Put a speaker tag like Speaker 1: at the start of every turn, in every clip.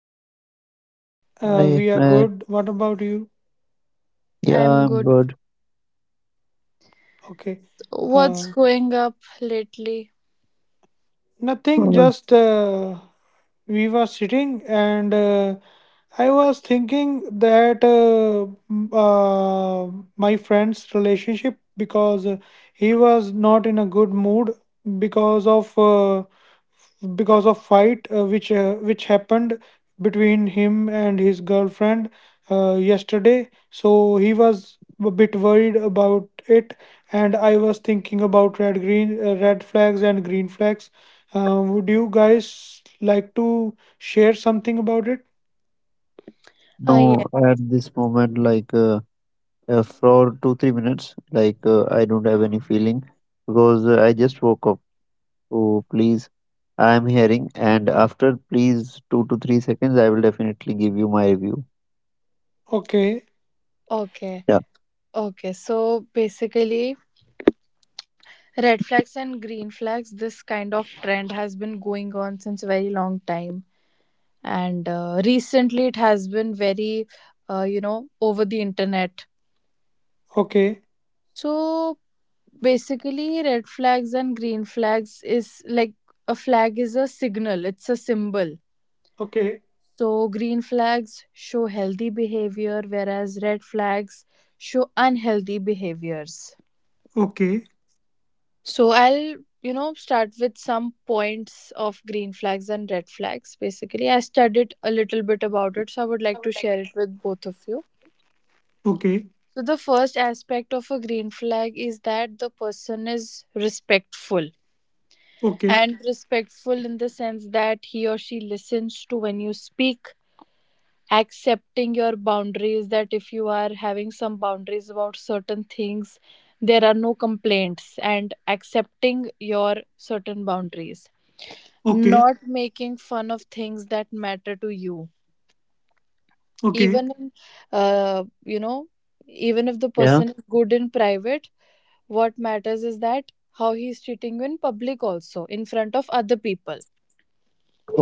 Speaker 1: both?
Speaker 2: Hi,
Speaker 3: We are
Speaker 2: man.
Speaker 3: good. What about you?
Speaker 2: Yeah,
Speaker 1: I'm
Speaker 2: I'm
Speaker 1: good.
Speaker 2: good.
Speaker 3: Okay.
Speaker 1: What's
Speaker 3: Uh,
Speaker 1: going up lately?
Speaker 3: Nothing,
Speaker 2: Uh,
Speaker 3: just we were sitting and I was thinking that m- uh, my friend's relationship, because he was not in a good mood because of uh, because of fight, which happened between him and his girlfriend yesterday. So he was a bit worried about it, and I was thinking about red flags and green flags. Would you guys like to share something about it?
Speaker 1: Ah, yeah.
Speaker 2: no, at this moment, for two, 3 minutes, I don't have any feeling because I just woke up. So please, I'm hearing, and after please 2 to 3 seconds, I will definitely give you my review.
Speaker 3: Okay.
Speaker 1: Okay.
Speaker 2: Yeah.
Speaker 1: Okay. So basically, red flags and green flags, this kind of trend has been going on since a very long time. And recently, it has been very, over the internet.
Speaker 3: Okay.
Speaker 1: So basically, red flags and green flags is like a flag is a signal, it's a symbol.
Speaker 3: Okay.
Speaker 1: So green flags show healthy behavior, whereas red flags show unhealthy behaviors.
Speaker 3: Okay.
Speaker 1: So I'll start with some points of green flags and red flags. Basically, I studied a little bit about it, so I would like to share it with both of you.
Speaker 3: Okay.
Speaker 1: So the first aspect of a green flag is that the person is respectful.
Speaker 3: Okay.
Speaker 1: And respectful in the sense that he or she listens to when you speak, accepting your boundaries, that if you are having some boundaries about certain things, there are no complaints, and accepting your certain boundaries,
Speaker 3: Okay.
Speaker 1: not making fun of things that matter to you.
Speaker 3: Okay.
Speaker 1: Even in, uh, you know even if the person
Speaker 2: Yeah.
Speaker 1: is good in private, what matters is that how he is treating you in public also, in front of other people.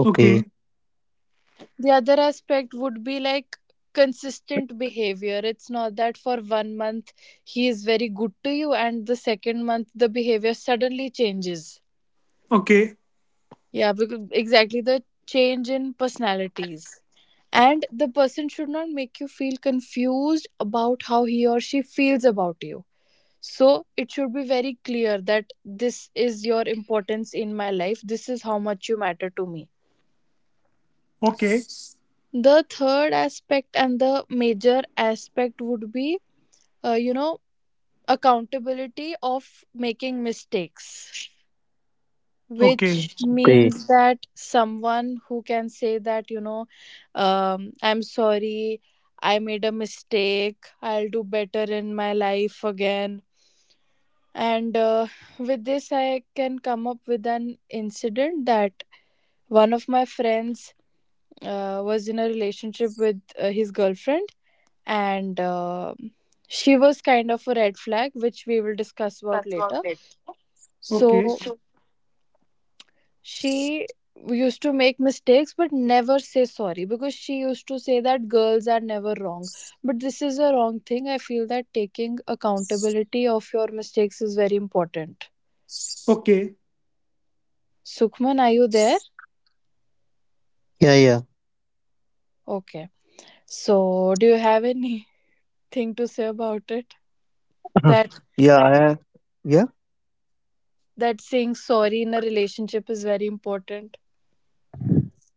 Speaker 3: Okay.
Speaker 2: Okay.
Speaker 1: The other aspect would be like consistent behavior. It's not that for one month he is very good to you, and the second month the behavior suddenly changes.
Speaker 3: Okay.
Speaker 1: Yeah, because exactly, the change in personalities. And the person should not make you feel confused about how he or she feels about you. So it should be very clear that this is your importance in my life, this is how much you matter to me.
Speaker 3: Okay.
Speaker 1: The third aspect, and the major aspect, would be uh, you know accountability of making mistakes, which
Speaker 3: Okay.
Speaker 1: Means
Speaker 2: Okay.
Speaker 1: that someone who can say that I'm sorry, I made a mistake, I'll do better in my life again. And with this I can come up with an incident that one of my friends was in a relationship with his girlfriend, and she was kind of a red flag, which we will discuss about later.
Speaker 3: Okay.
Speaker 1: So she used to make mistakes but never say sorry, because she used to say that girls are never wrong. But this is a wrong thing. I feel that taking accountability of your mistakes is very important.
Speaker 3: Okay,
Speaker 1: Sukhman, are you there?
Speaker 2: Yeah. Yeah.
Speaker 1: Okay, so do you have anything to say about it, that
Speaker 2: yeah. I. Yeah.
Speaker 1: that saying sorry in a relationship is very important?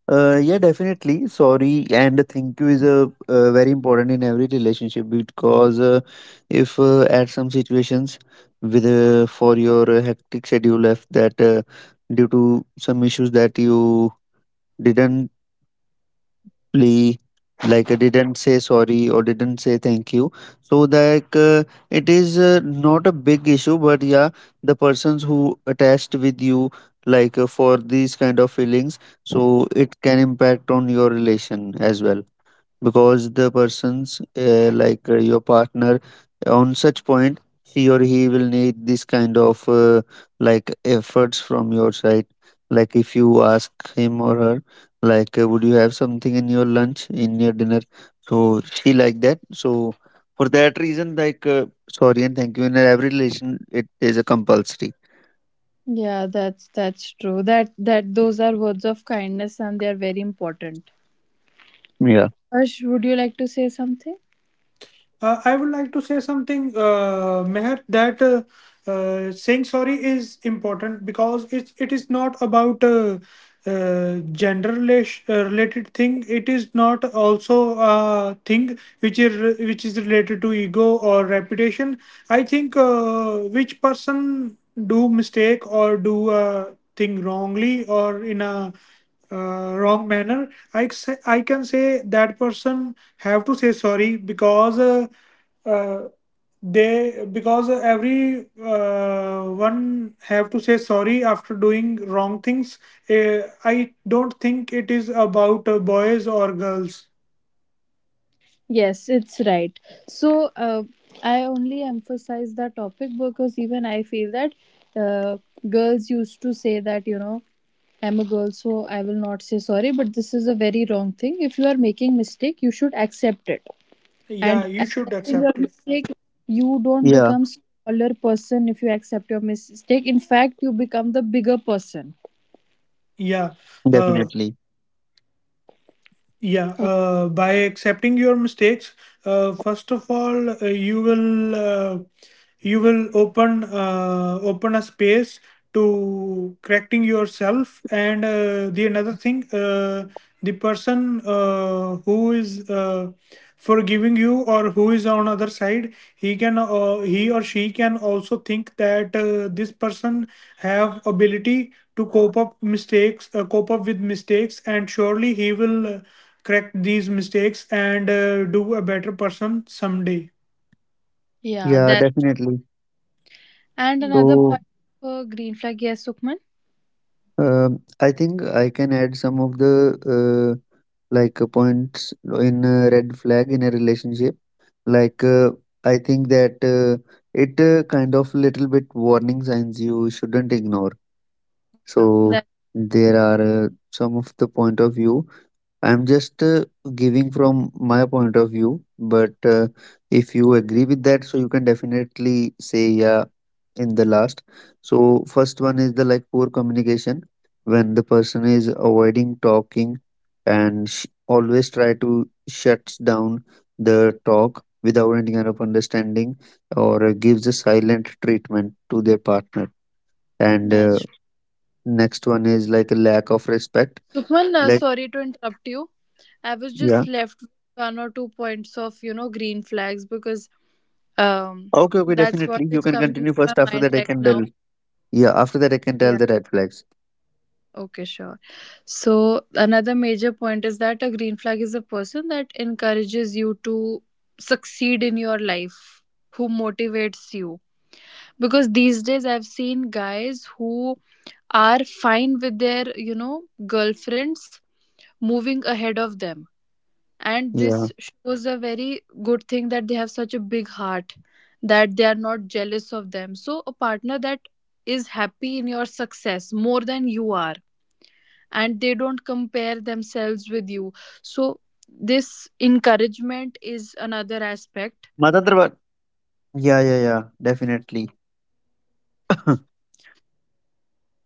Speaker 2: Yeah, definitely. Sorry and thank you is a very important in every relationship because if at some situations with for your hectic schedule, if that due to some issues that you didn't lee like didn't say sorry or didn't say thank you, so it is not a big issue, but yeah, the persons who attached with you, for these kind of feelings, so it can impact on your relation as well, because the person's like your partner on such point, he or he will need this kind of like efforts from your side, like if you ask him or her, would you have something in your lunch, in your dinner, so she like that. So for that reason, sorry and thank you in every relation, it is a compulsory.
Speaker 1: Yeah, that's true. That, those are words of kindness, and they are very important.
Speaker 2: Yeah,
Speaker 1: Ash, would you like to say something?
Speaker 3: I would like to say something, Meher, that saying sorry is important, because it is not about gender related thing. It is not also a thing which is related to ego or reputation. I think which person do mistake or do a thing wrongly or in a wrong manner. I can say that person have to say sorry, because uh, they because every one have to say sorry after doing wrong things. uh, I don't think it is about boys or girls.
Speaker 1: Yes, it's right. So I only emphasize the topic because even I feel that uh, girls used to say that I'm a girl, so I will not say sorry, but this is a very wrong thing. If you are making mistake, you should accept it. And
Speaker 3: Yeah, you should
Speaker 1: accepting your
Speaker 3: accept it.
Speaker 1: mistake,
Speaker 2: yeah,
Speaker 1: you don't become smaller person if you accept your mistake. In fact, you become the bigger person.
Speaker 3: Yeah.
Speaker 2: definitely.
Speaker 3: uh, Yeah,
Speaker 1: Okay.
Speaker 3: by accepting your mistakes, first of all, you will open, open a space to correcting yourself. And the another thing, the person who is forgiving you, or who is on other side, he or she can also think that this person have ability to cope up mistakes, cope up with mistakes, and surely he will. Correct these mistakes and do a better person someday.
Speaker 1: Yeah,
Speaker 2: Yeah,
Speaker 1: that
Speaker 2: definitely.
Speaker 1: and another
Speaker 2: So
Speaker 1: point for green flag. Yes, Sukman.
Speaker 2: um, I think I can add some of the uh, points in a red flag in a relationship. Like uh, I think that it kind of little bit warning signs you shouldn't ignore.
Speaker 1: Yeah,
Speaker 2: So
Speaker 1: that
Speaker 2: there are some of the point of view. I'm just giving from my point of view, but if you agree with that, so you can definitely say yeah in the last. So first one is the like poor communication, when the person is avoiding talking and always try to shuts down the talk without any kind of understanding or gives a silent treatment to their partner, and
Speaker 1: that's
Speaker 2: next one is like a lack of respect,
Speaker 1: Sukman,
Speaker 2: like
Speaker 1: sorry to interrupt you. I was
Speaker 2: yeah.
Speaker 1: just left with one or two points of, green flags, because um
Speaker 2: Okay, okay,
Speaker 1: that's what
Speaker 2: definitely you
Speaker 1: is
Speaker 2: can
Speaker 1: coming in
Speaker 2: continue
Speaker 1: my
Speaker 2: first, after
Speaker 1: mind
Speaker 2: that I
Speaker 1: right
Speaker 2: can tell.
Speaker 1: now.
Speaker 2: Yeah, after that I can tell
Speaker 1: Yeah.
Speaker 2: the red flags.
Speaker 1: Okay, sure. So another major point is that a green flag is a person that encourages you to succeed in your life, who motivates you. Because these days I've seen guys who are fine with their, girlfriends moving ahead of them. And
Speaker 2: Yeah,
Speaker 1: this shows a very good thing, that they have such a big heart, that they are not jealous of them. So a partner that is happy in your success more than you are, and they don't compare themselves with you. So this encouragement is another aspect.
Speaker 2: mother. Yeah, yeah, yeah, definitely.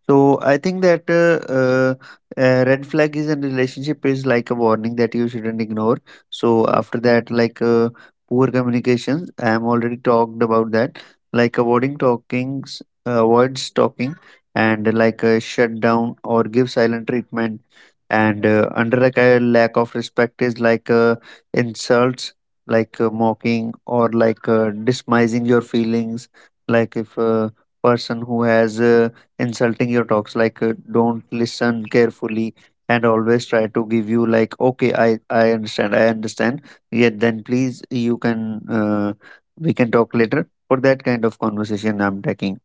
Speaker 2: So I think that red flag is in relationship is like a warning that you shouldn't ignore. So
Speaker 1: Yeah,
Speaker 2: after that, poor communications, I am already talked about that. Like avoiding talkings, avoids talking, and like a shut down or give silent treatment, and under like a lack of respect is insults, mocking or dismissing your feelings, like if. A person who has insulting your talks, don't listen carefully, and always try to give you like okay, I understand, I understand, yet then please you can we can talk later. For that kind of conversation I'm taking.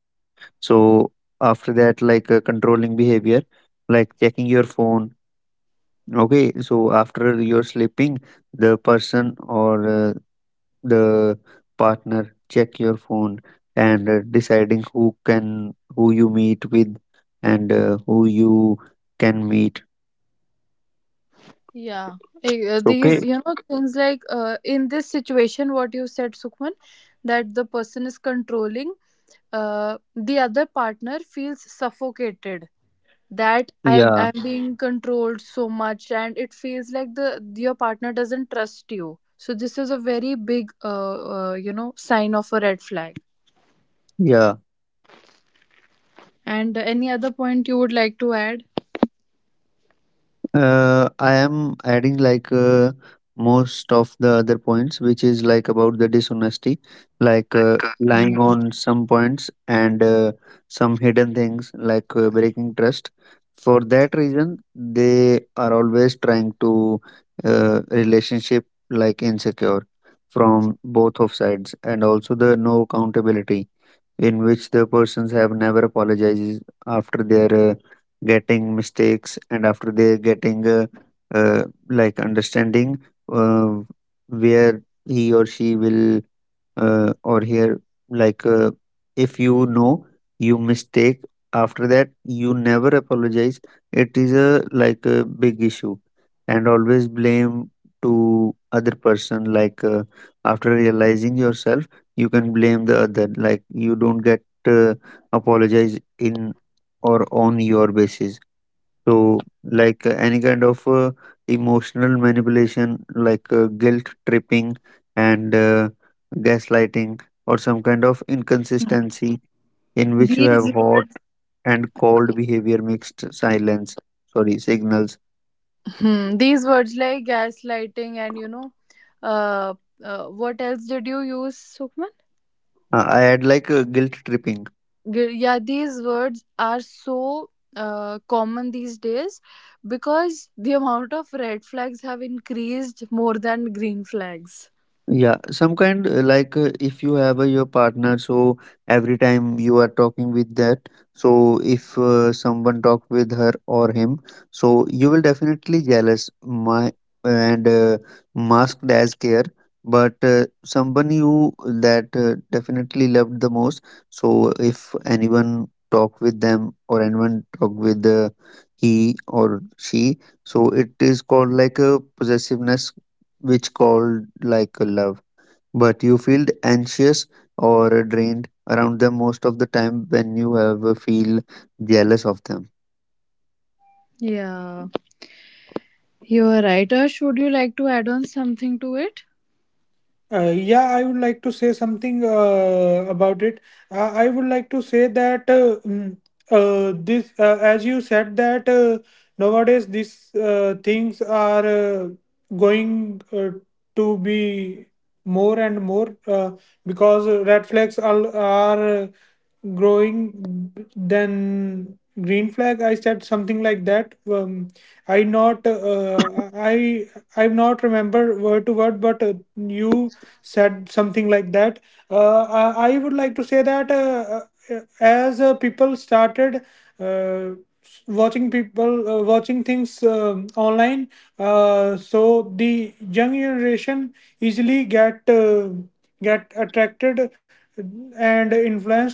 Speaker 2: So after that, controlling behavior, like checking your phone. Okay, so after you're sleeping, the person or the partner check your phone, and deciding who can who you meet with, and who you can meet.
Speaker 1: yeah.
Speaker 2: Okay.
Speaker 1: These things like, in this situation, what you said, Sukhman, that the person is controlling, the other partner feels suffocated, that I
Speaker 2: Yeah.
Speaker 1: I'm being controlled so much, and it feels like the your partner doesn't trust you. So this is a very big sign of a red flag.
Speaker 2: Yeah.
Speaker 1: And any other point you would like to add?
Speaker 2: I am adding most of the other points, which is like about the dishonesty, lying on some points, and some hidden things, breaking trust. For that reason, they are always trying to relationship like insecure from both of sides, and also the no accountability, in which the persons have never apologizes after their getting mistakes, and after they getting like understanding, uh, where he or she will or here, like uh, if you know you mistake, after that you never apologize, it is a like a big issue, and always blame to other person, after realizing yourself, you can blame the other like you don't get uh, apologize in or on your basis. So any kind of emotional manipulation, guilt tripping, and gaslighting, or some kind of inconsistency in which you have
Speaker 1: These
Speaker 2: hot
Speaker 1: words,
Speaker 2: and cold behavior, mixed silence, sorry signals.
Speaker 1: these words like gaslighting, and uh, what else did you use, Sukhman?
Speaker 2: I had guilt tripping.
Speaker 1: Yeah, these words are so common these days, because the amount of red flags have increased more than green flags.
Speaker 2: Yeah, some kind if you have your partner, so every time you are talking with that, so if someone talk with her or him, so you will definitely jealous my, and masked as care, but someone you that definitely loved the most. So if anyone talk with them, or anyone talk with he or she, so it is called like a possessiveness, which called like a love. But you feel anxious or drained around them most of the time, when you have feel jealous of them.
Speaker 1: Yeah, you are right. Ash, would you like to add on something to it?
Speaker 3: Yeah, I would like to say something about it. I would like to say that this, as you said, that nowadays these things are going to be more and more, because red flags are growing than green flag. I said something like that. I not uh, I I not remember word to word, but you said something like that. I would like to say that as people started uh, watching things online, so the young generation easily get attracted and influenced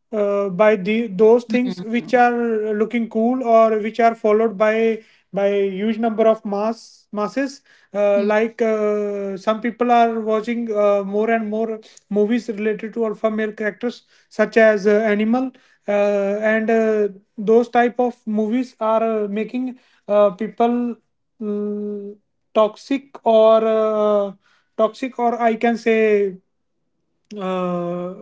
Speaker 3: by the those things which are looking cool, or which are followed by huge number of masses.
Speaker 1: Hmm.
Speaker 3: Like, some people are watching more and more movies related to alpha male characters, such as animal, and those type of movies are making people, mm, toxic, or I can say uh,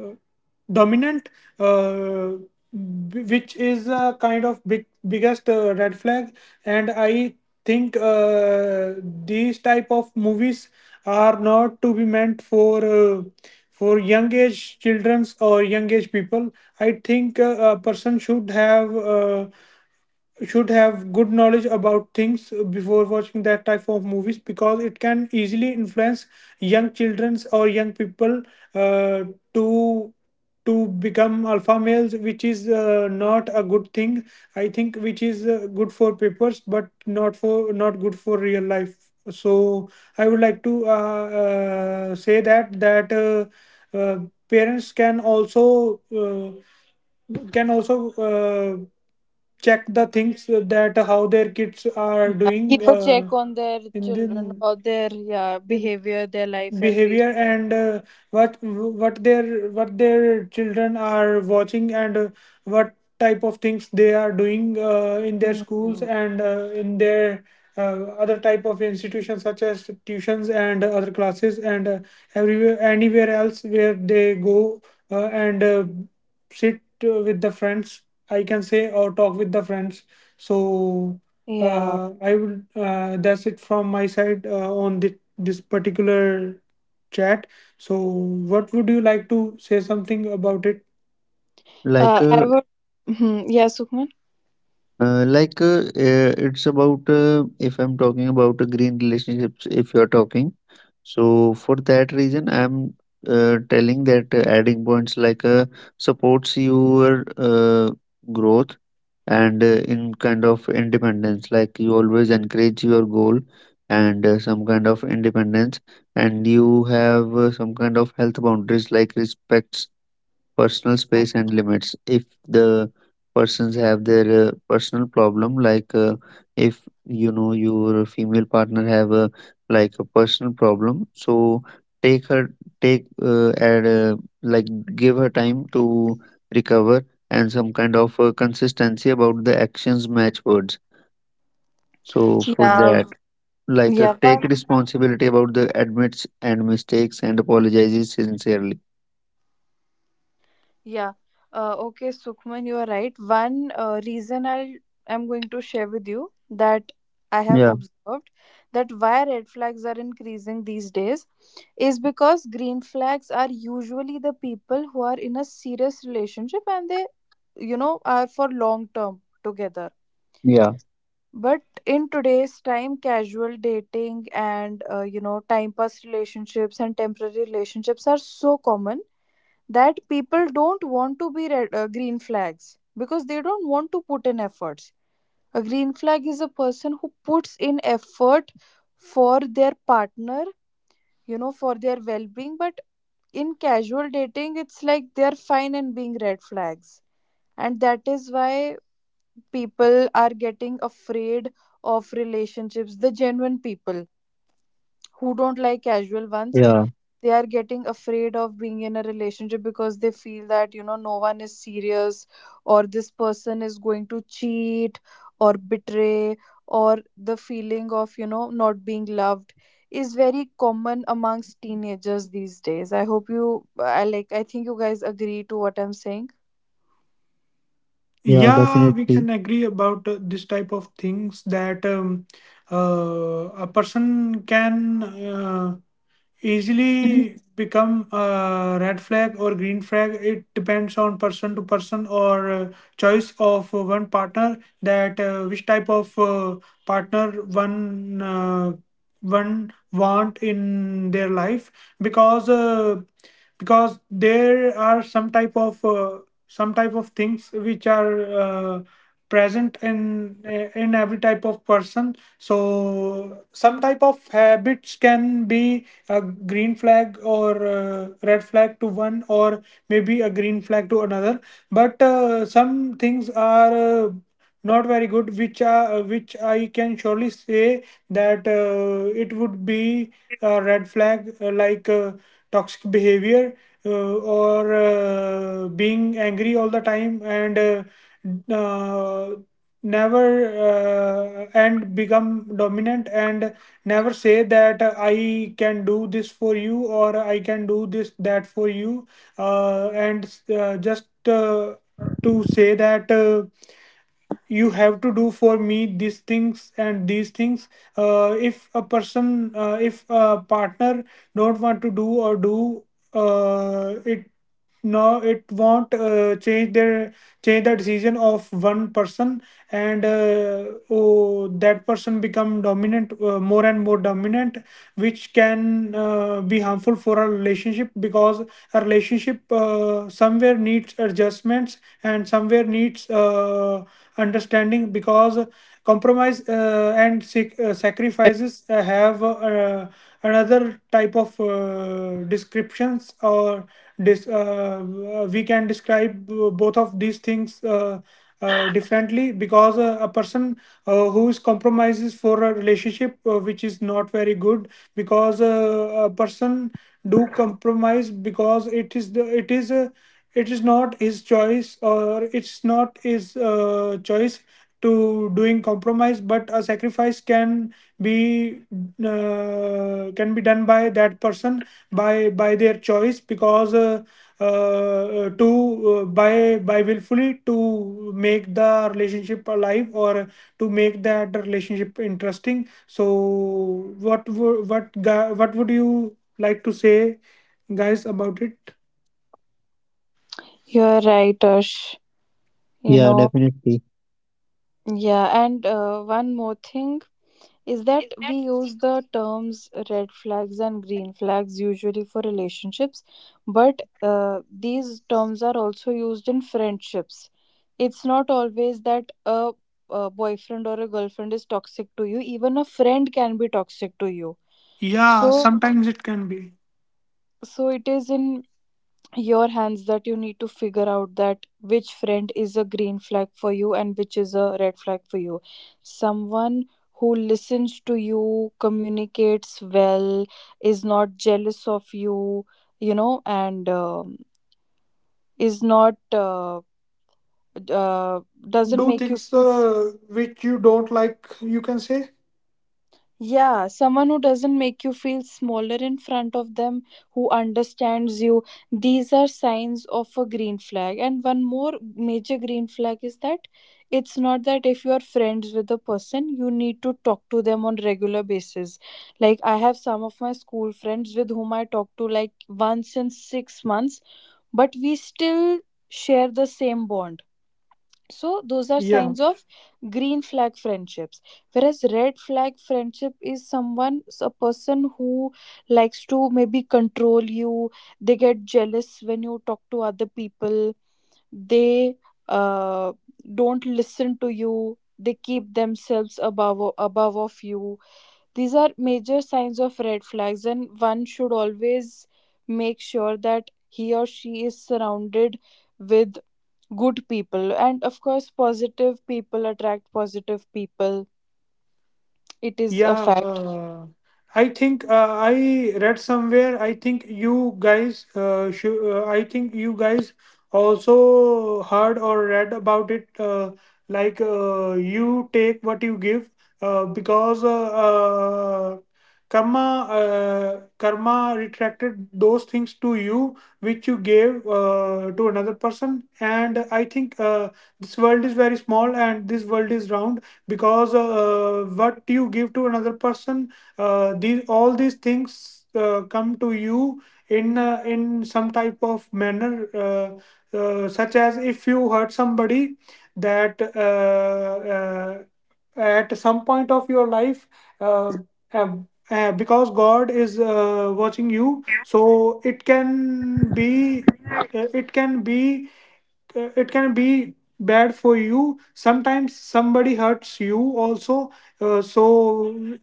Speaker 3: dominant, uh, which is a kind of biggest red flag. And I think these type of movies are not to be meant for young age childrens or young age people. I think a person should have. Good knowledge about things before watching that type of movies, because it can easily influence young childrens or young people uh, to to become alpha males, which is not a good thing. I think which is good for papers, but not good for real life. So I would like to say that uh, parents can also check the things, that how their kids are
Speaker 1: Yeah,
Speaker 3: doing
Speaker 1: keep a check on their
Speaker 3: in the
Speaker 1: children about their, yeah,
Speaker 3: in
Speaker 1: behavior, their life,
Speaker 3: behavior,
Speaker 1: everything.
Speaker 3: and what their children are watching, and what type of things they are doing in their schools,
Speaker 1: Hmm.
Speaker 3: and in their other type of institutions such as tuitions and other classes, and everywhere anywhere else where they go, and sit with the friends, I can say, or talk with the friends. So
Speaker 1: Yeah.
Speaker 3: I would that's it from my side on this particular chat. So, what would you like to say something about it?
Speaker 2: Like
Speaker 1: I
Speaker 2: uh,
Speaker 1: would. Mhm. Yeah, Sukhman.
Speaker 2: It's about if I'm talking about green relationships, if you're talking, so for that reason, I'm telling that adding points supports your growth, and in kind of independence. Like you always encourage your goal, and some kind of independence, and you have some kind of health boundaries, like respects personal space and limits, if the persons have their personal problem, if you know your female partner have a like a personal problem, so take her, take and like give her time to recover, and some kind of consistency about the actions match words, so for
Speaker 1: Yeah,
Speaker 2: that,
Speaker 1: yeah.
Speaker 2: take
Speaker 1: One
Speaker 2: responsibility about the admits and mistakes, and apologizes sincerely.
Speaker 1: Yeah. Okay, Sukhman, you are right. One reason I'm going to share with you, that I have
Speaker 2: Yeah,
Speaker 1: observed that why red flags are increasing these days, is because green flags are usually the people who are in a serious relationship, and they are for long term together.
Speaker 2: yeah,
Speaker 1: But in today's time, casual dating, and time pass relationships and temporary relationships are so common, that people don't want to be green flags, because they don't want to put in efforts. A green flag is a person who puts in effort for their partner, for their well being. But in casual dating, it's like they're fine and being red flags. And that is why people are getting afraid of relationships. The genuine people, who don't like casual ones,
Speaker 2: yeah,
Speaker 1: they are getting afraid of being in a relationship, because they feel that no one is serious, or this person is going to cheat or betray, or the feeling of not being loved, is very common amongst teenagers these days. I hope you i like i think you guys agree to what I'm saying.
Speaker 2: yeah, definitely.
Speaker 3: Yeah, we can agree about this type of things, that a person can.
Speaker 1: Mhm.
Speaker 3: Easily become a red flag or green flag. It depends on person to person, or choice of one partner, that which type of partner one want in their life, because uh, because there are some type of things which are uh, present in every type of person, so some type of habits can be a green flag or red flag to one, or maybe a green flag to another. But some things are not very good, which are which I can surely say that it would be a red flag, toxic behavior, or being angry all the time, and uh, never, and become dominant, and never say that I can do this for you, or I can do this that for you, and just to say that you have to do for me these things and these things. If a partner don't want to do or do it, no, it won't change their, change the decision of one person. And oh, that person become dominant, more and more dominant, which can be harmful for a relationship, because a relationship somewhere needs adjustments and somewhere needs understanding, because compromise and sacrifices have another type of descriptions, or we can describe both of these things differently, because a person who is compromises for a relationship, which is not very good, because a person do compromise, because it is not his choice, or it's not his choice to doing compromise, but a sacrifice be can be done by that person, by their choice, because to by willfully, to make the relationship alive, or to make that relationship interesting. So what wo- what gu- what would you like to say, guys, about it?
Speaker 1: You're right, Ash. you
Speaker 2: Yeah,
Speaker 1: know
Speaker 2: definitely.
Speaker 1: yeah and one more thing is that we use the terms red flags and green flags usually for relationships, but these terms are also used in friendships. It's not always that a boyfriend or a girlfriend is toxic to you; even a friend can be toxic to you.
Speaker 3: Yeah,
Speaker 1: So,
Speaker 3: sometimes it can be.
Speaker 1: so it is in your hands that you need to figure out that which friend is a green flag for you and which is a red flag for you. Someone who listens to you, communicates well, is not jealous of you, you know and is not uh, doesn't
Speaker 3: Do
Speaker 1: make you
Speaker 3: things,
Speaker 1: feel—
Speaker 3: which you don't like, you can say.
Speaker 1: yeah, someone who doesn't make you feel smaller in front of them, who understands you. These are signs of a green flag. And one more major green flag is that it's not that if you are friends with a person, you need to talk to them on regular basis. Like, I have some of my school friends with whom I talk to like once in 6 months, but we still share the same bond. So those are
Speaker 3: Yeah.
Speaker 1: signs of green flag friendships, whereas red flag friendship is someone a person who likes to maybe control you, they get jealous when you talk to other people, they uh, don't listen to you, they keep themselves above of you. These are major signs of red flags, and one should always make sure that he or she is surrounded with good people. And of course positive people attract positive people. It is a
Speaker 3: Yeah,
Speaker 1: fact.
Speaker 3: I think I read somewhere. I think you guys, also heard or read about it. Like, you take what you give, because karma retracted those things to you which you gave to another person. And I think this world is very small, and this world is round, because what you give to another person, these all these things come to you in some type of manner, uh, such as, if you hurt somebody, that uh, uh, at some point of your life, uh, uh, because god is watching you, so it can be it can be it can be bad for you, sometimes somebody hurts you also. So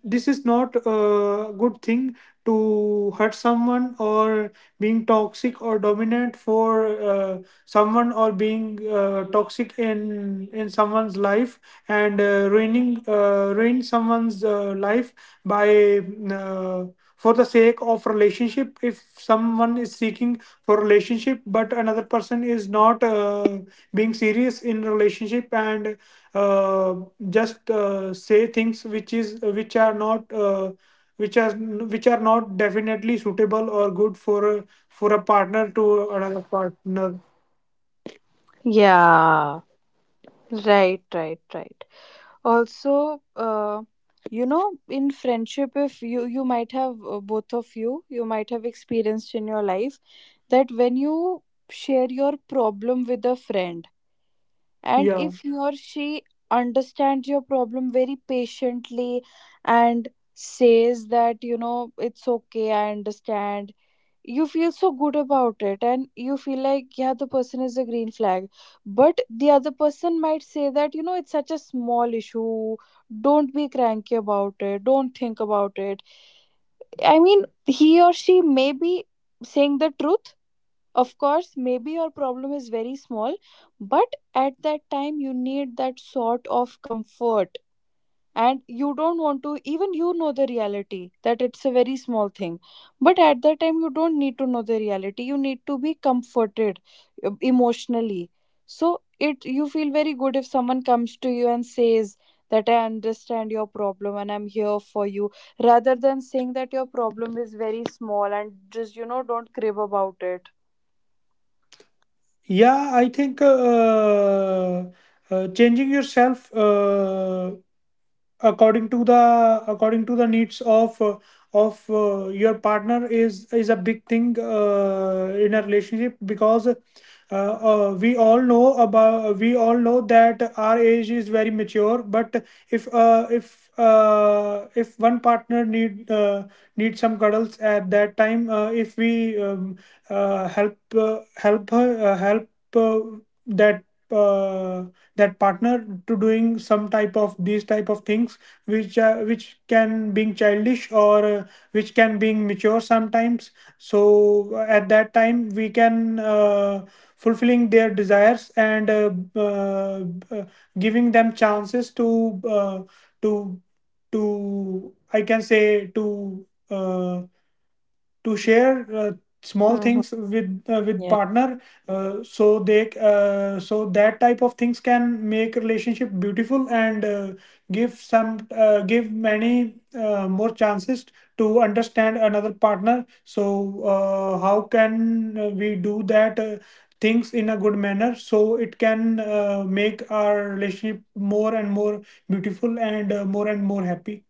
Speaker 3: this is not a good thing, to hurt someone, or being toxic or dominant for uh, someone, or being toxic in someone's life, and ruin someone's life, by uh, for the sake of relationship, if someone is seeking for relationship, but another person is not being serious in relationship, and uh, just say things, which are not, which are which are not definitely suitable or good for a partner to another partner.
Speaker 1: Yeah, right, right, right. Also, in friendship, if you you might have both of you might have experienced in your life, that when you share your problem with a friend, and
Speaker 3: Yeah,
Speaker 1: if he or she understands your problem very patiently, and says that, it's okay, I understand, you feel so good about it, and you feel like, yeah, the person is a green flag. But the other person might say that, it's such a small issue, don't be cranky about it, don't think about it. I mean, he or she may be saying the truth. Of course, maybe your problem is very small, but at that time you need that sort of comfort, and you don't want to even you know the reality that it's a very small thing. But at that time you don't need to know the reality, you need to be comforted, emotionally. So it you feel very good if someone comes to you and says that I understand your problem, and I'm here for you, rather than saying that your problem is very small, and just, don't crib about it.
Speaker 3: yeah. I think changing yourself according to the needs of your partner is a big thing in a relationship, because we all know that our age is very mature, but if one partner need some cuddles at that time, if we help help her help, uh, that uh, that partner to doing some type of these type of things, which can being childish, or which can being mature sometimes. So at that time we can fulfilling their desires, and uh, uh, giving them chances to, to I can say, uh, to share small things with
Speaker 1: Yeah.
Speaker 3: partner, so that type of things can make relationship beautiful, and give many more chances to understand another partner. So how can we do that things in a good manner, so it can make our relationship more and more beautiful, and more and more happy.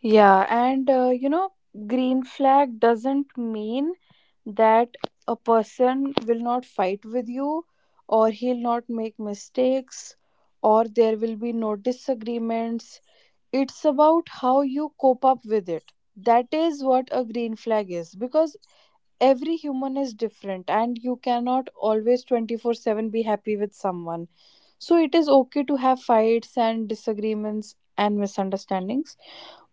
Speaker 1: Yeah, and green flag doesn't mean that a person will not fight with you, or he'll not make mistakes, or there will be no disagreements. It's about how you cope up with it. That is what a green flag is because every human is different, and you cannot always 24/7 be happy with someone. So, it is okay to have fights and disagreements and misunderstandings,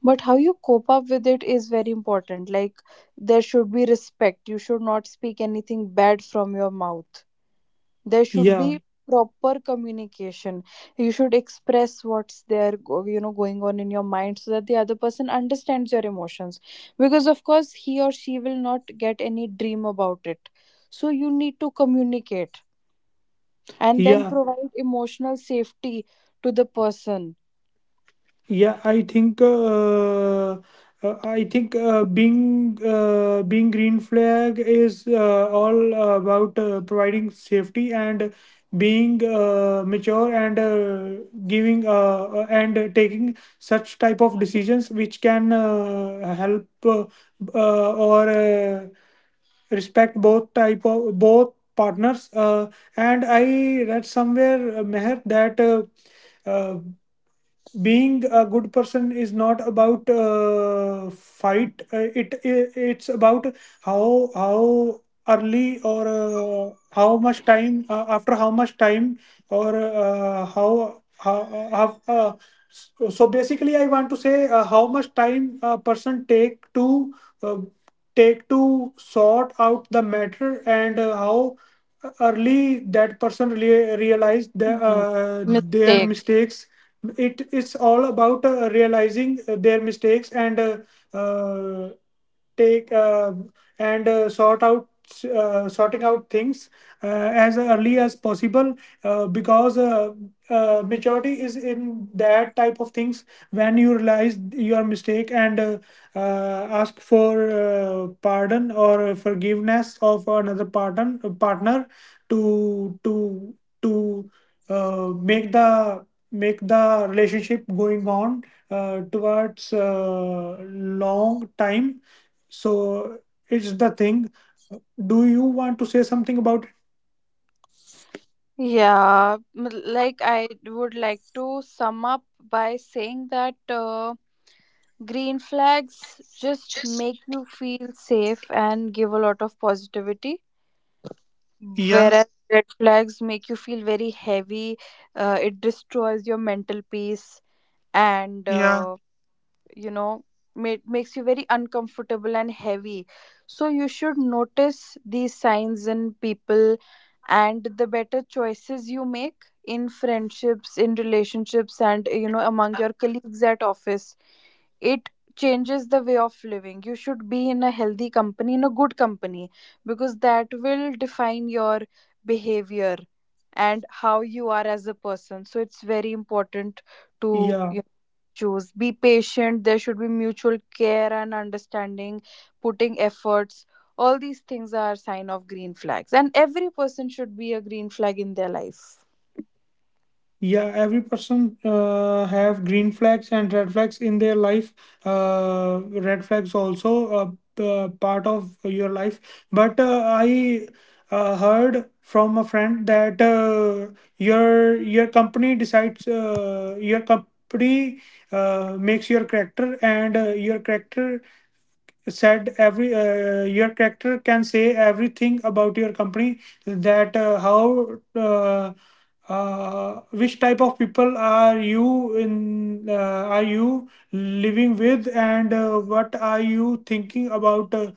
Speaker 1: but how you cope up with it is very important. Like, there should be respect. You should not speak anything bad from your mouth. There should
Speaker 3: Yeah.
Speaker 1: be proper communication. You should express what's there going on in your mind, so that the other person understands your emotions, because of course he or she will not get any dream about it. So you need to communicate and then
Speaker 3: Yeah.
Speaker 1: provide emotional safety to the person.
Speaker 3: Yeah, I think being green flag is all about providing safety, and being mature, and giving And taking such type of decisions which can help, or respect both type of both partners, and I read somewhere, Meher, that uh, being a good person is not about fight. It's about how early, or how much time, after how much time, or how- so so basically I want to say how much time a person take to, uh, take to sort out the matter, and how early that person realize the, their
Speaker 1: Take.
Speaker 3: mistakes. It's all about realizing their mistakes, and uh, take and sort out, sorting out things, uh, as early as possible, because maturity is in that type of things when you realize your mistake and uh, ask for pardon or forgiveness of another partner, to to to uh, make the make the relationship going on towards long time. So it's the thing. Do you want to say something about it?
Speaker 1: Yeah, like I would like to sum up by saying that, green flags just make you feel safe and give a lot of positivity,
Speaker 3: Yeah,
Speaker 1: whereas red flags make you feel very heavy. It destroys your mental peace and
Speaker 3: yeah.
Speaker 1: you know makes you very uncomfortable and heavy. So you should notice these signs in people, and the better choices you make in friendships, in relationships, and you know, among your colleagues at office, it changes the way of living. You should be in a healthy company, in a good company, because that will define your behavior and how you are as a person. So it's very important to
Speaker 3: Yeah,
Speaker 1: choose. Be patient. There should be mutual care and understanding, putting efforts. All these things are sign of green flags, and every person should be a green flag in their life.
Speaker 3: yeah. Every person have green flags and red flags in their life. uh, Red flags also a, part of your life, but I heard from a friend that, your company decides, your company makes your character, and your character said, every your character can say everything about your company. That how which type of people are you in are you living with, and what are you thinking about, uh,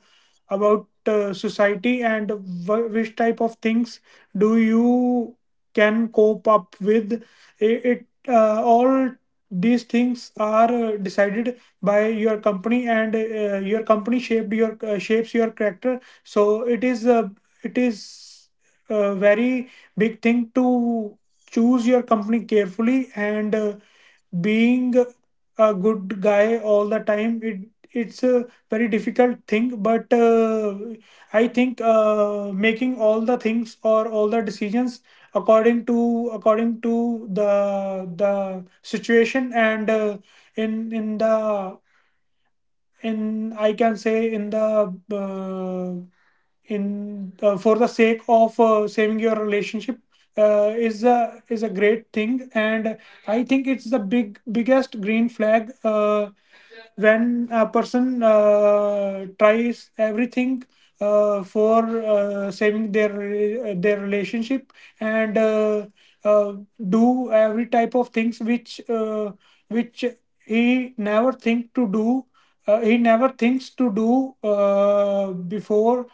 Speaker 3: about uh, society and which type of things do you can cope up with. It all these things are decided by your company, and your company shaped your shapes your character. So it is a very big thing to choose your company carefully. And being a good guy all the time, it's a very difficult thing. But I think making all the things or all the decisions according to the situation, and in the in I can say in the in for the sake of saving your relationship, is a great thing. And I think it's the biggest green flag. When a person tries everything for saving their relationship, and uh, do every type of things which he never think to do he never thinks to do before,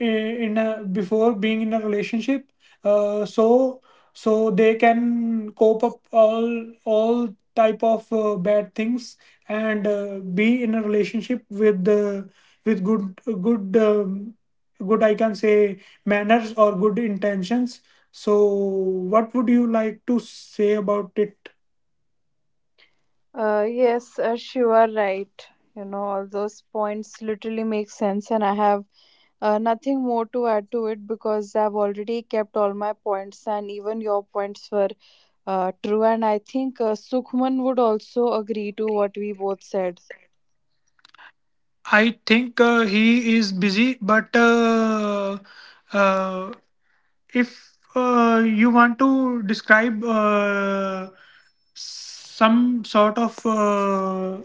Speaker 3: in a, before being in a relationship. So they can cope up all type of bad things and be in a relationship with, with good good um, good, I can say, manners or good intentions. So what would you like to say about it?
Speaker 1: Yes, Ash, you are right. You know, all those points literally make sense, and I have nothing more to add to it, because I've already kept all my points, and even your points were true. And I think Sukhman would also agree to what we both said.
Speaker 3: I think he is busy, but uh, if you want to describe some sort of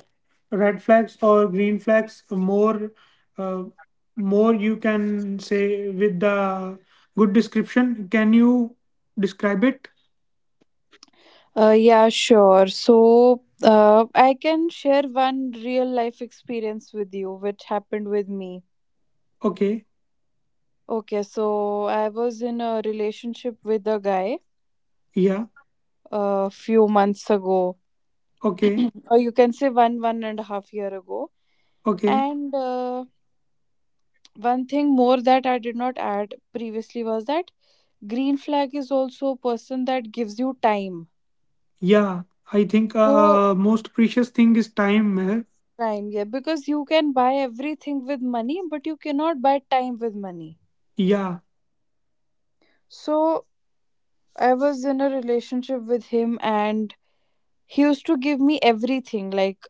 Speaker 3: red flags or green flags more, uh, more you can say with the good description, can you describe it?
Speaker 1: Yeah, sure. So, I can share one real life experience with you, which happened with me.
Speaker 3: Okay.
Speaker 1: Okay, so I was in a relationship with a guy
Speaker 3: Yeah.
Speaker 1: a few months ago,
Speaker 3: Okay.
Speaker 1: or you can say one, one and a half year ago.
Speaker 3: Okay.
Speaker 1: And one thing more that I did not add previously was that green flag is also a person that gives you time.
Speaker 3: Yeah, I think
Speaker 1: So,
Speaker 3: most precious thing is time, eh?
Speaker 1: time, yeah, because you can buy everything with money, but you cannot buy time with money.
Speaker 3: Yeah.
Speaker 1: So I was in a relationship with him, and he used to give me everything, like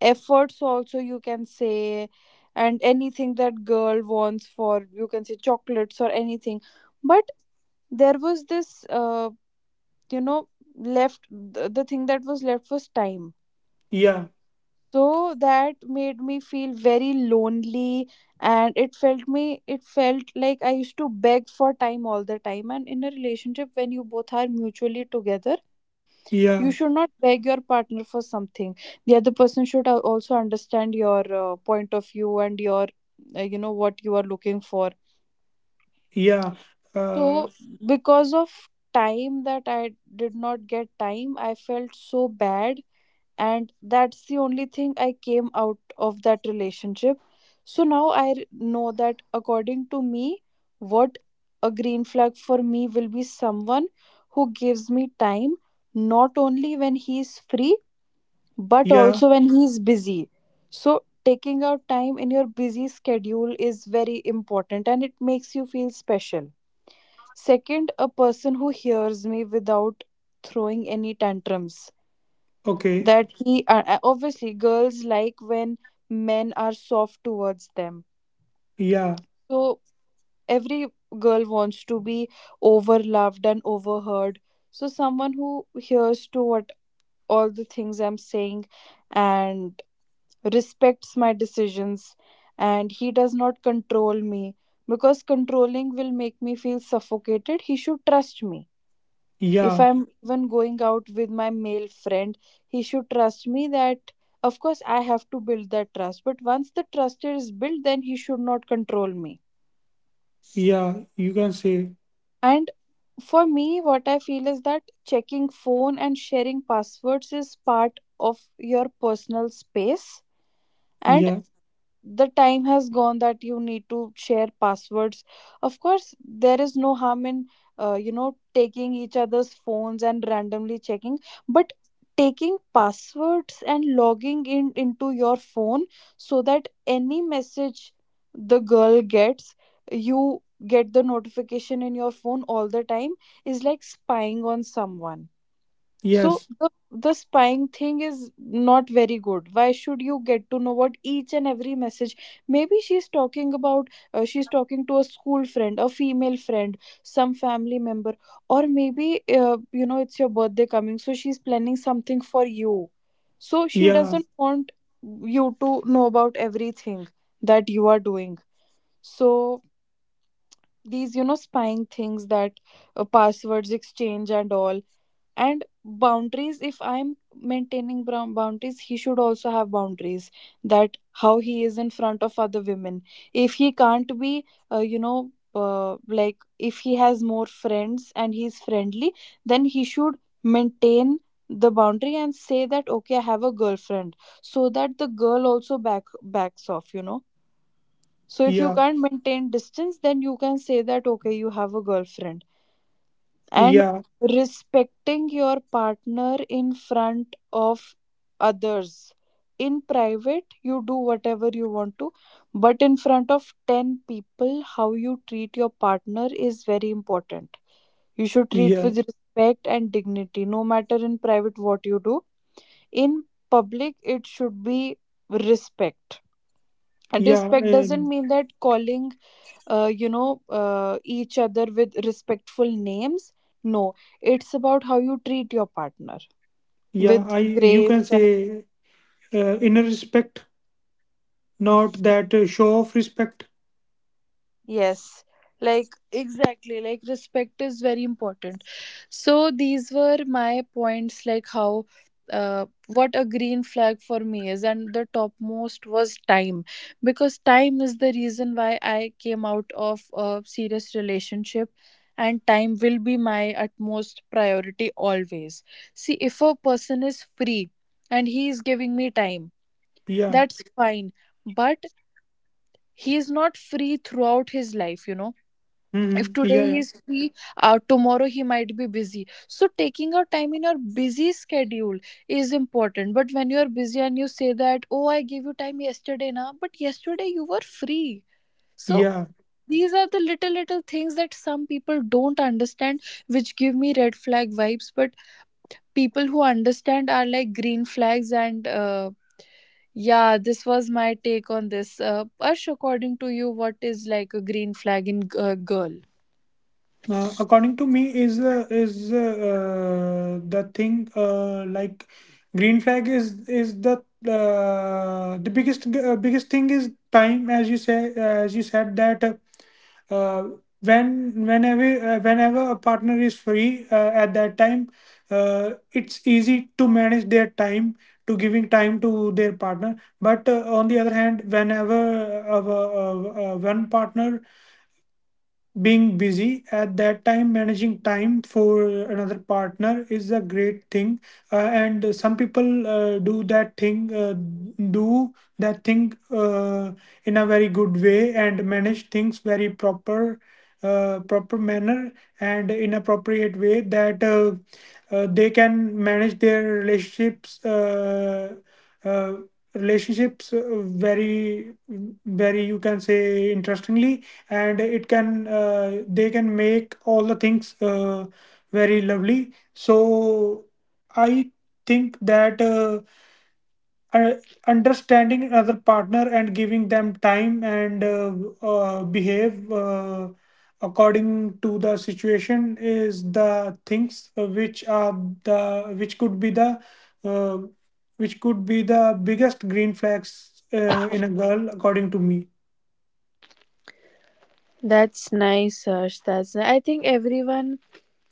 Speaker 1: efforts also, you can say, and anything that girl wants, for you can say chocolates or anything. But there was this, you know left, the thing that was left was time.
Speaker 3: Yeah.
Speaker 1: So that made me feel very lonely, and it felt me, it felt like I used to beg for time all the time. And in a relationship, when you both are mutually together, you should
Speaker 3: Yeah.
Speaker 1: not beg your partner for something. The other person should also understand your point of view and your what you are looking for.
Speaker 3: Yeah. uh,
Speaker 1: So because of time, that I did not get time, I felt so bad, and that's the only thing I came out of that relationship. So now I know that, according to me, what a green flag for me will be someone who gives me time, not only when he's free, but
Speaker 3: yeah.
Speaker 1: also when he's busy. So, taking out time in your busy schedule is very important, and it makes you feel special. Second, a person who hears me without throwing any tantrums.
Speaker 3: Okay.
Speaker 1: That he, obviously girls like when men are soft towards them.
Speaker 3: Yeah.
Speaker 1: So, every girl wants to be overloved and overheard. So, someone who hears to what all the things I'm saying and respects my decisions, and he does not control me, because controlling will make me feel suffocated. He should trust me. If
Speaker 3: Yeah,
Speaker 1: I'm even going out with my male friend, he should trust me that, of course, I have to build that trust. But once the trust is built, then he should not control me.
Speaker 3: yeah, you can say.
Speaker 1: And for me, what I feel is that checking phone and sharing passwords is part of your personal space. And
Speaker 3: Yeah,
Speaker 1: the time has gone that you need to share passwords. Of course, there is no harm in taking each other's phones and randomly checking, but taking passwords and logging in into your phone, so that any message the girl gets, you get the notification in your phone all the time, is like spying on someone. So
Speaker 3: yes,
Speaker 1: the spying thing is not very good. Why should you get to know what each and every message? Maybe she's talking about, she's talking to a school friend, a female friend, some family member, or maybe it's your birthday coming, so she's planning something for you. So she
Speaker 3: yeah,
Speaker 1: doesn't want you to know about everything that you are doing. So these, you know, spying things, that passwords exchange and all, and boundaries. If I'm maintaining brown boundaries, he should also have boundaries, that how he is in front of other women. If he can't be like, if he has more friends and he's friendly, then he should maintain the boundary and say that, okay, I have a girlfriend, so that the girl also backs off, you know. So if you
Speaker 3: yeah,
Speaker 1: can't maintain distance, then you can say that, okay, you have a girlfriend. And
Speaker 3: yeah,
Speaker 1: respecting your partner in front of others, in private you do whatever you want to, but in front of 10 people, how you treat your partner is very important. You should treat
Speaker 3: yeah,
Speaker 1: with respect and dignity, no matter in private what you do. In public it should be respect. And
Speaker 3: yeah,
Speaker 1: respect doesn't mean that calling each other with respectful names, no. It's about how you treat your partner
Speaker 3: yeah.
Speaker 1: with
Speaker 3: I, you
Speaker 1: grace.
Speaker 3: can say, inner respect, not that show of respect.
Speaker 1: Yes, like exactly, like respect is very important. So these were my points, like how uh what a green flag for me is, and the topmost was time, because time is the reason why I came out of a serious relationship, and time will be my utmost priority always. See, if a person is free and he is giving me time,
Speaker 3: Yeah.
Speaker 1: that's fine. But he is not free throughout his life, you know. If
Speaker 3: Mm-hmm. Yeah,
Speaker 1: today
Speaker 3: yeah,
Speaker 1: he's free, tomorrow he might be busy, so taking out time in your busy schedule is important. But when you're busy and you say that, oh, I gave you time yesterday, now, but yesterday you were free. So
Speaker 3: yeah.
Speaker 1: these are the little little things that some people don't understand, which give me red flag vibes. But people who understand are like green flags. And yeah, this was my take on this. Ash, according to you, what is like a green flag in a girl?
Speaker 3: According to me, is the thing, like, green flag is the, the biggest, biggest thing is time, as you say, as you said that. Uh, when whenever a partner is free, at that time it's easy to manage their time, to giving time to their partner. But on the other hand, whenever one partner being busy at that time, managing time for another partner is a great thing. Uh, and some people do that thing in a very good way, and manage things very proper, proper manner, and in appropriate way, that they can manage their relationships. Uh, Relationships very you can say, interestingly. And it can, they can make all the things very lovely. So I think that uh, understanding another partner, and giving them time, and behave according to the situation, is the things which are the, which could be the, uh, which could be the biggest green flags in a girl according to me.
Speaker 1: That's nice, Harsh. I think everyone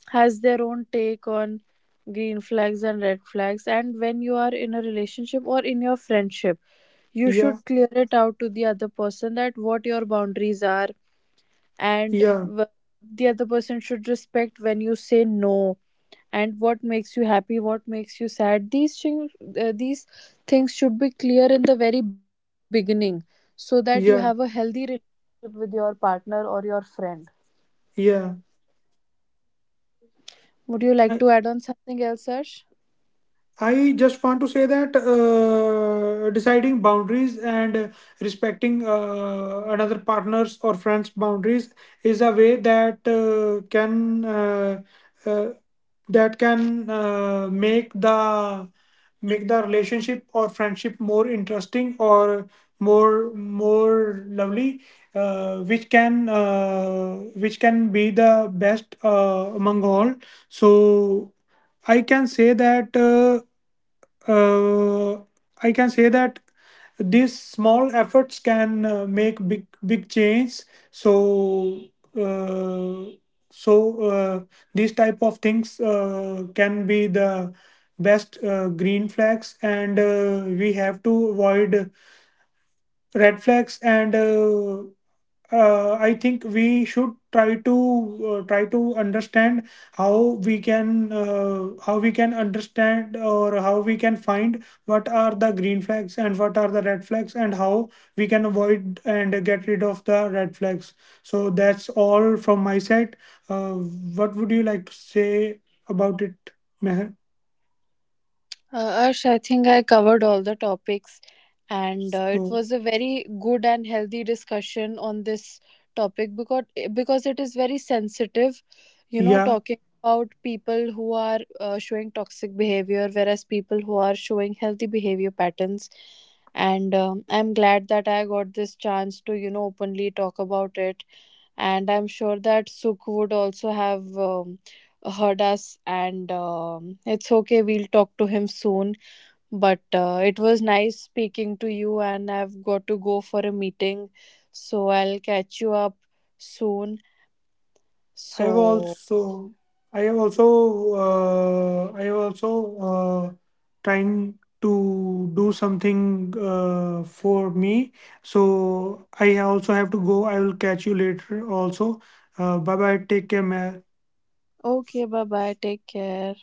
Speaker 1: has their own take on green flags and red flags. And when you are in a relationship or in your friendship, you
Speaker 3: Yeah.
Speaker 1: should clear it out to the other person that what your boundaries are, and
Speaker 3: Yeah.
Speaker 1: the other person should respect when you say no, and what makes you happy, what makes you sad. These things, these things should be clear in the very beginning, so that you have a
Speaker 3: Yeah.
Speaker 1: healthy relationship with your partner or your friend.
Speaker 3: Yeah.
Speaker 1: Would you like to
Speaker 3: I
Speaker 1: add on something else, Arsh?
Speaker 3: I just want to say that deciding boundaries and respecting another partner's or friend's boundaries is a way that can uh, that can make the relationship or friendship more interesting, or more lovely, which can be the best among all. So I can say that. Uh, I can say that these small efforts can make big change. So uh, so these type of things can be the best green flags, and we have to avoid red flags, and. I think we should try to try to understand how we can, how we can understand, or how we can find what are the green flags and what are the red flags, and how we can avoid and get rid of the red flags. So that's all from my side. Uh, what would you like to say about it, Meher?
Speaker 1: Arsh, I think I covered all the topics, and it
Speaker 3: So
Speaker 1: was a very good and healthy discussion on this topic, because it is very sensitive. You know,
Speaker 3: yeah.
Speaker 1: talking about people who are showing toxic behavior, whereas people who are showing healthy behavior patterns. And I'm glad that I got this chance to, you know, openly talk about it, and I'm sure that Sukh would also have heard us. And it's okay, we'll talk to him soon. But it was nice speaking to you, and I've got to go for a meeting, so I'll catch you up soon.
Speaker 3: I have
Speaker 1: So,
Speaker 3: also, I have also, uh, I have also uh, trying to do something for me. So I also have to go. I will catch you later. Also, bye bye. Take care, man.
Speaker 1: okay, bye bye, take care.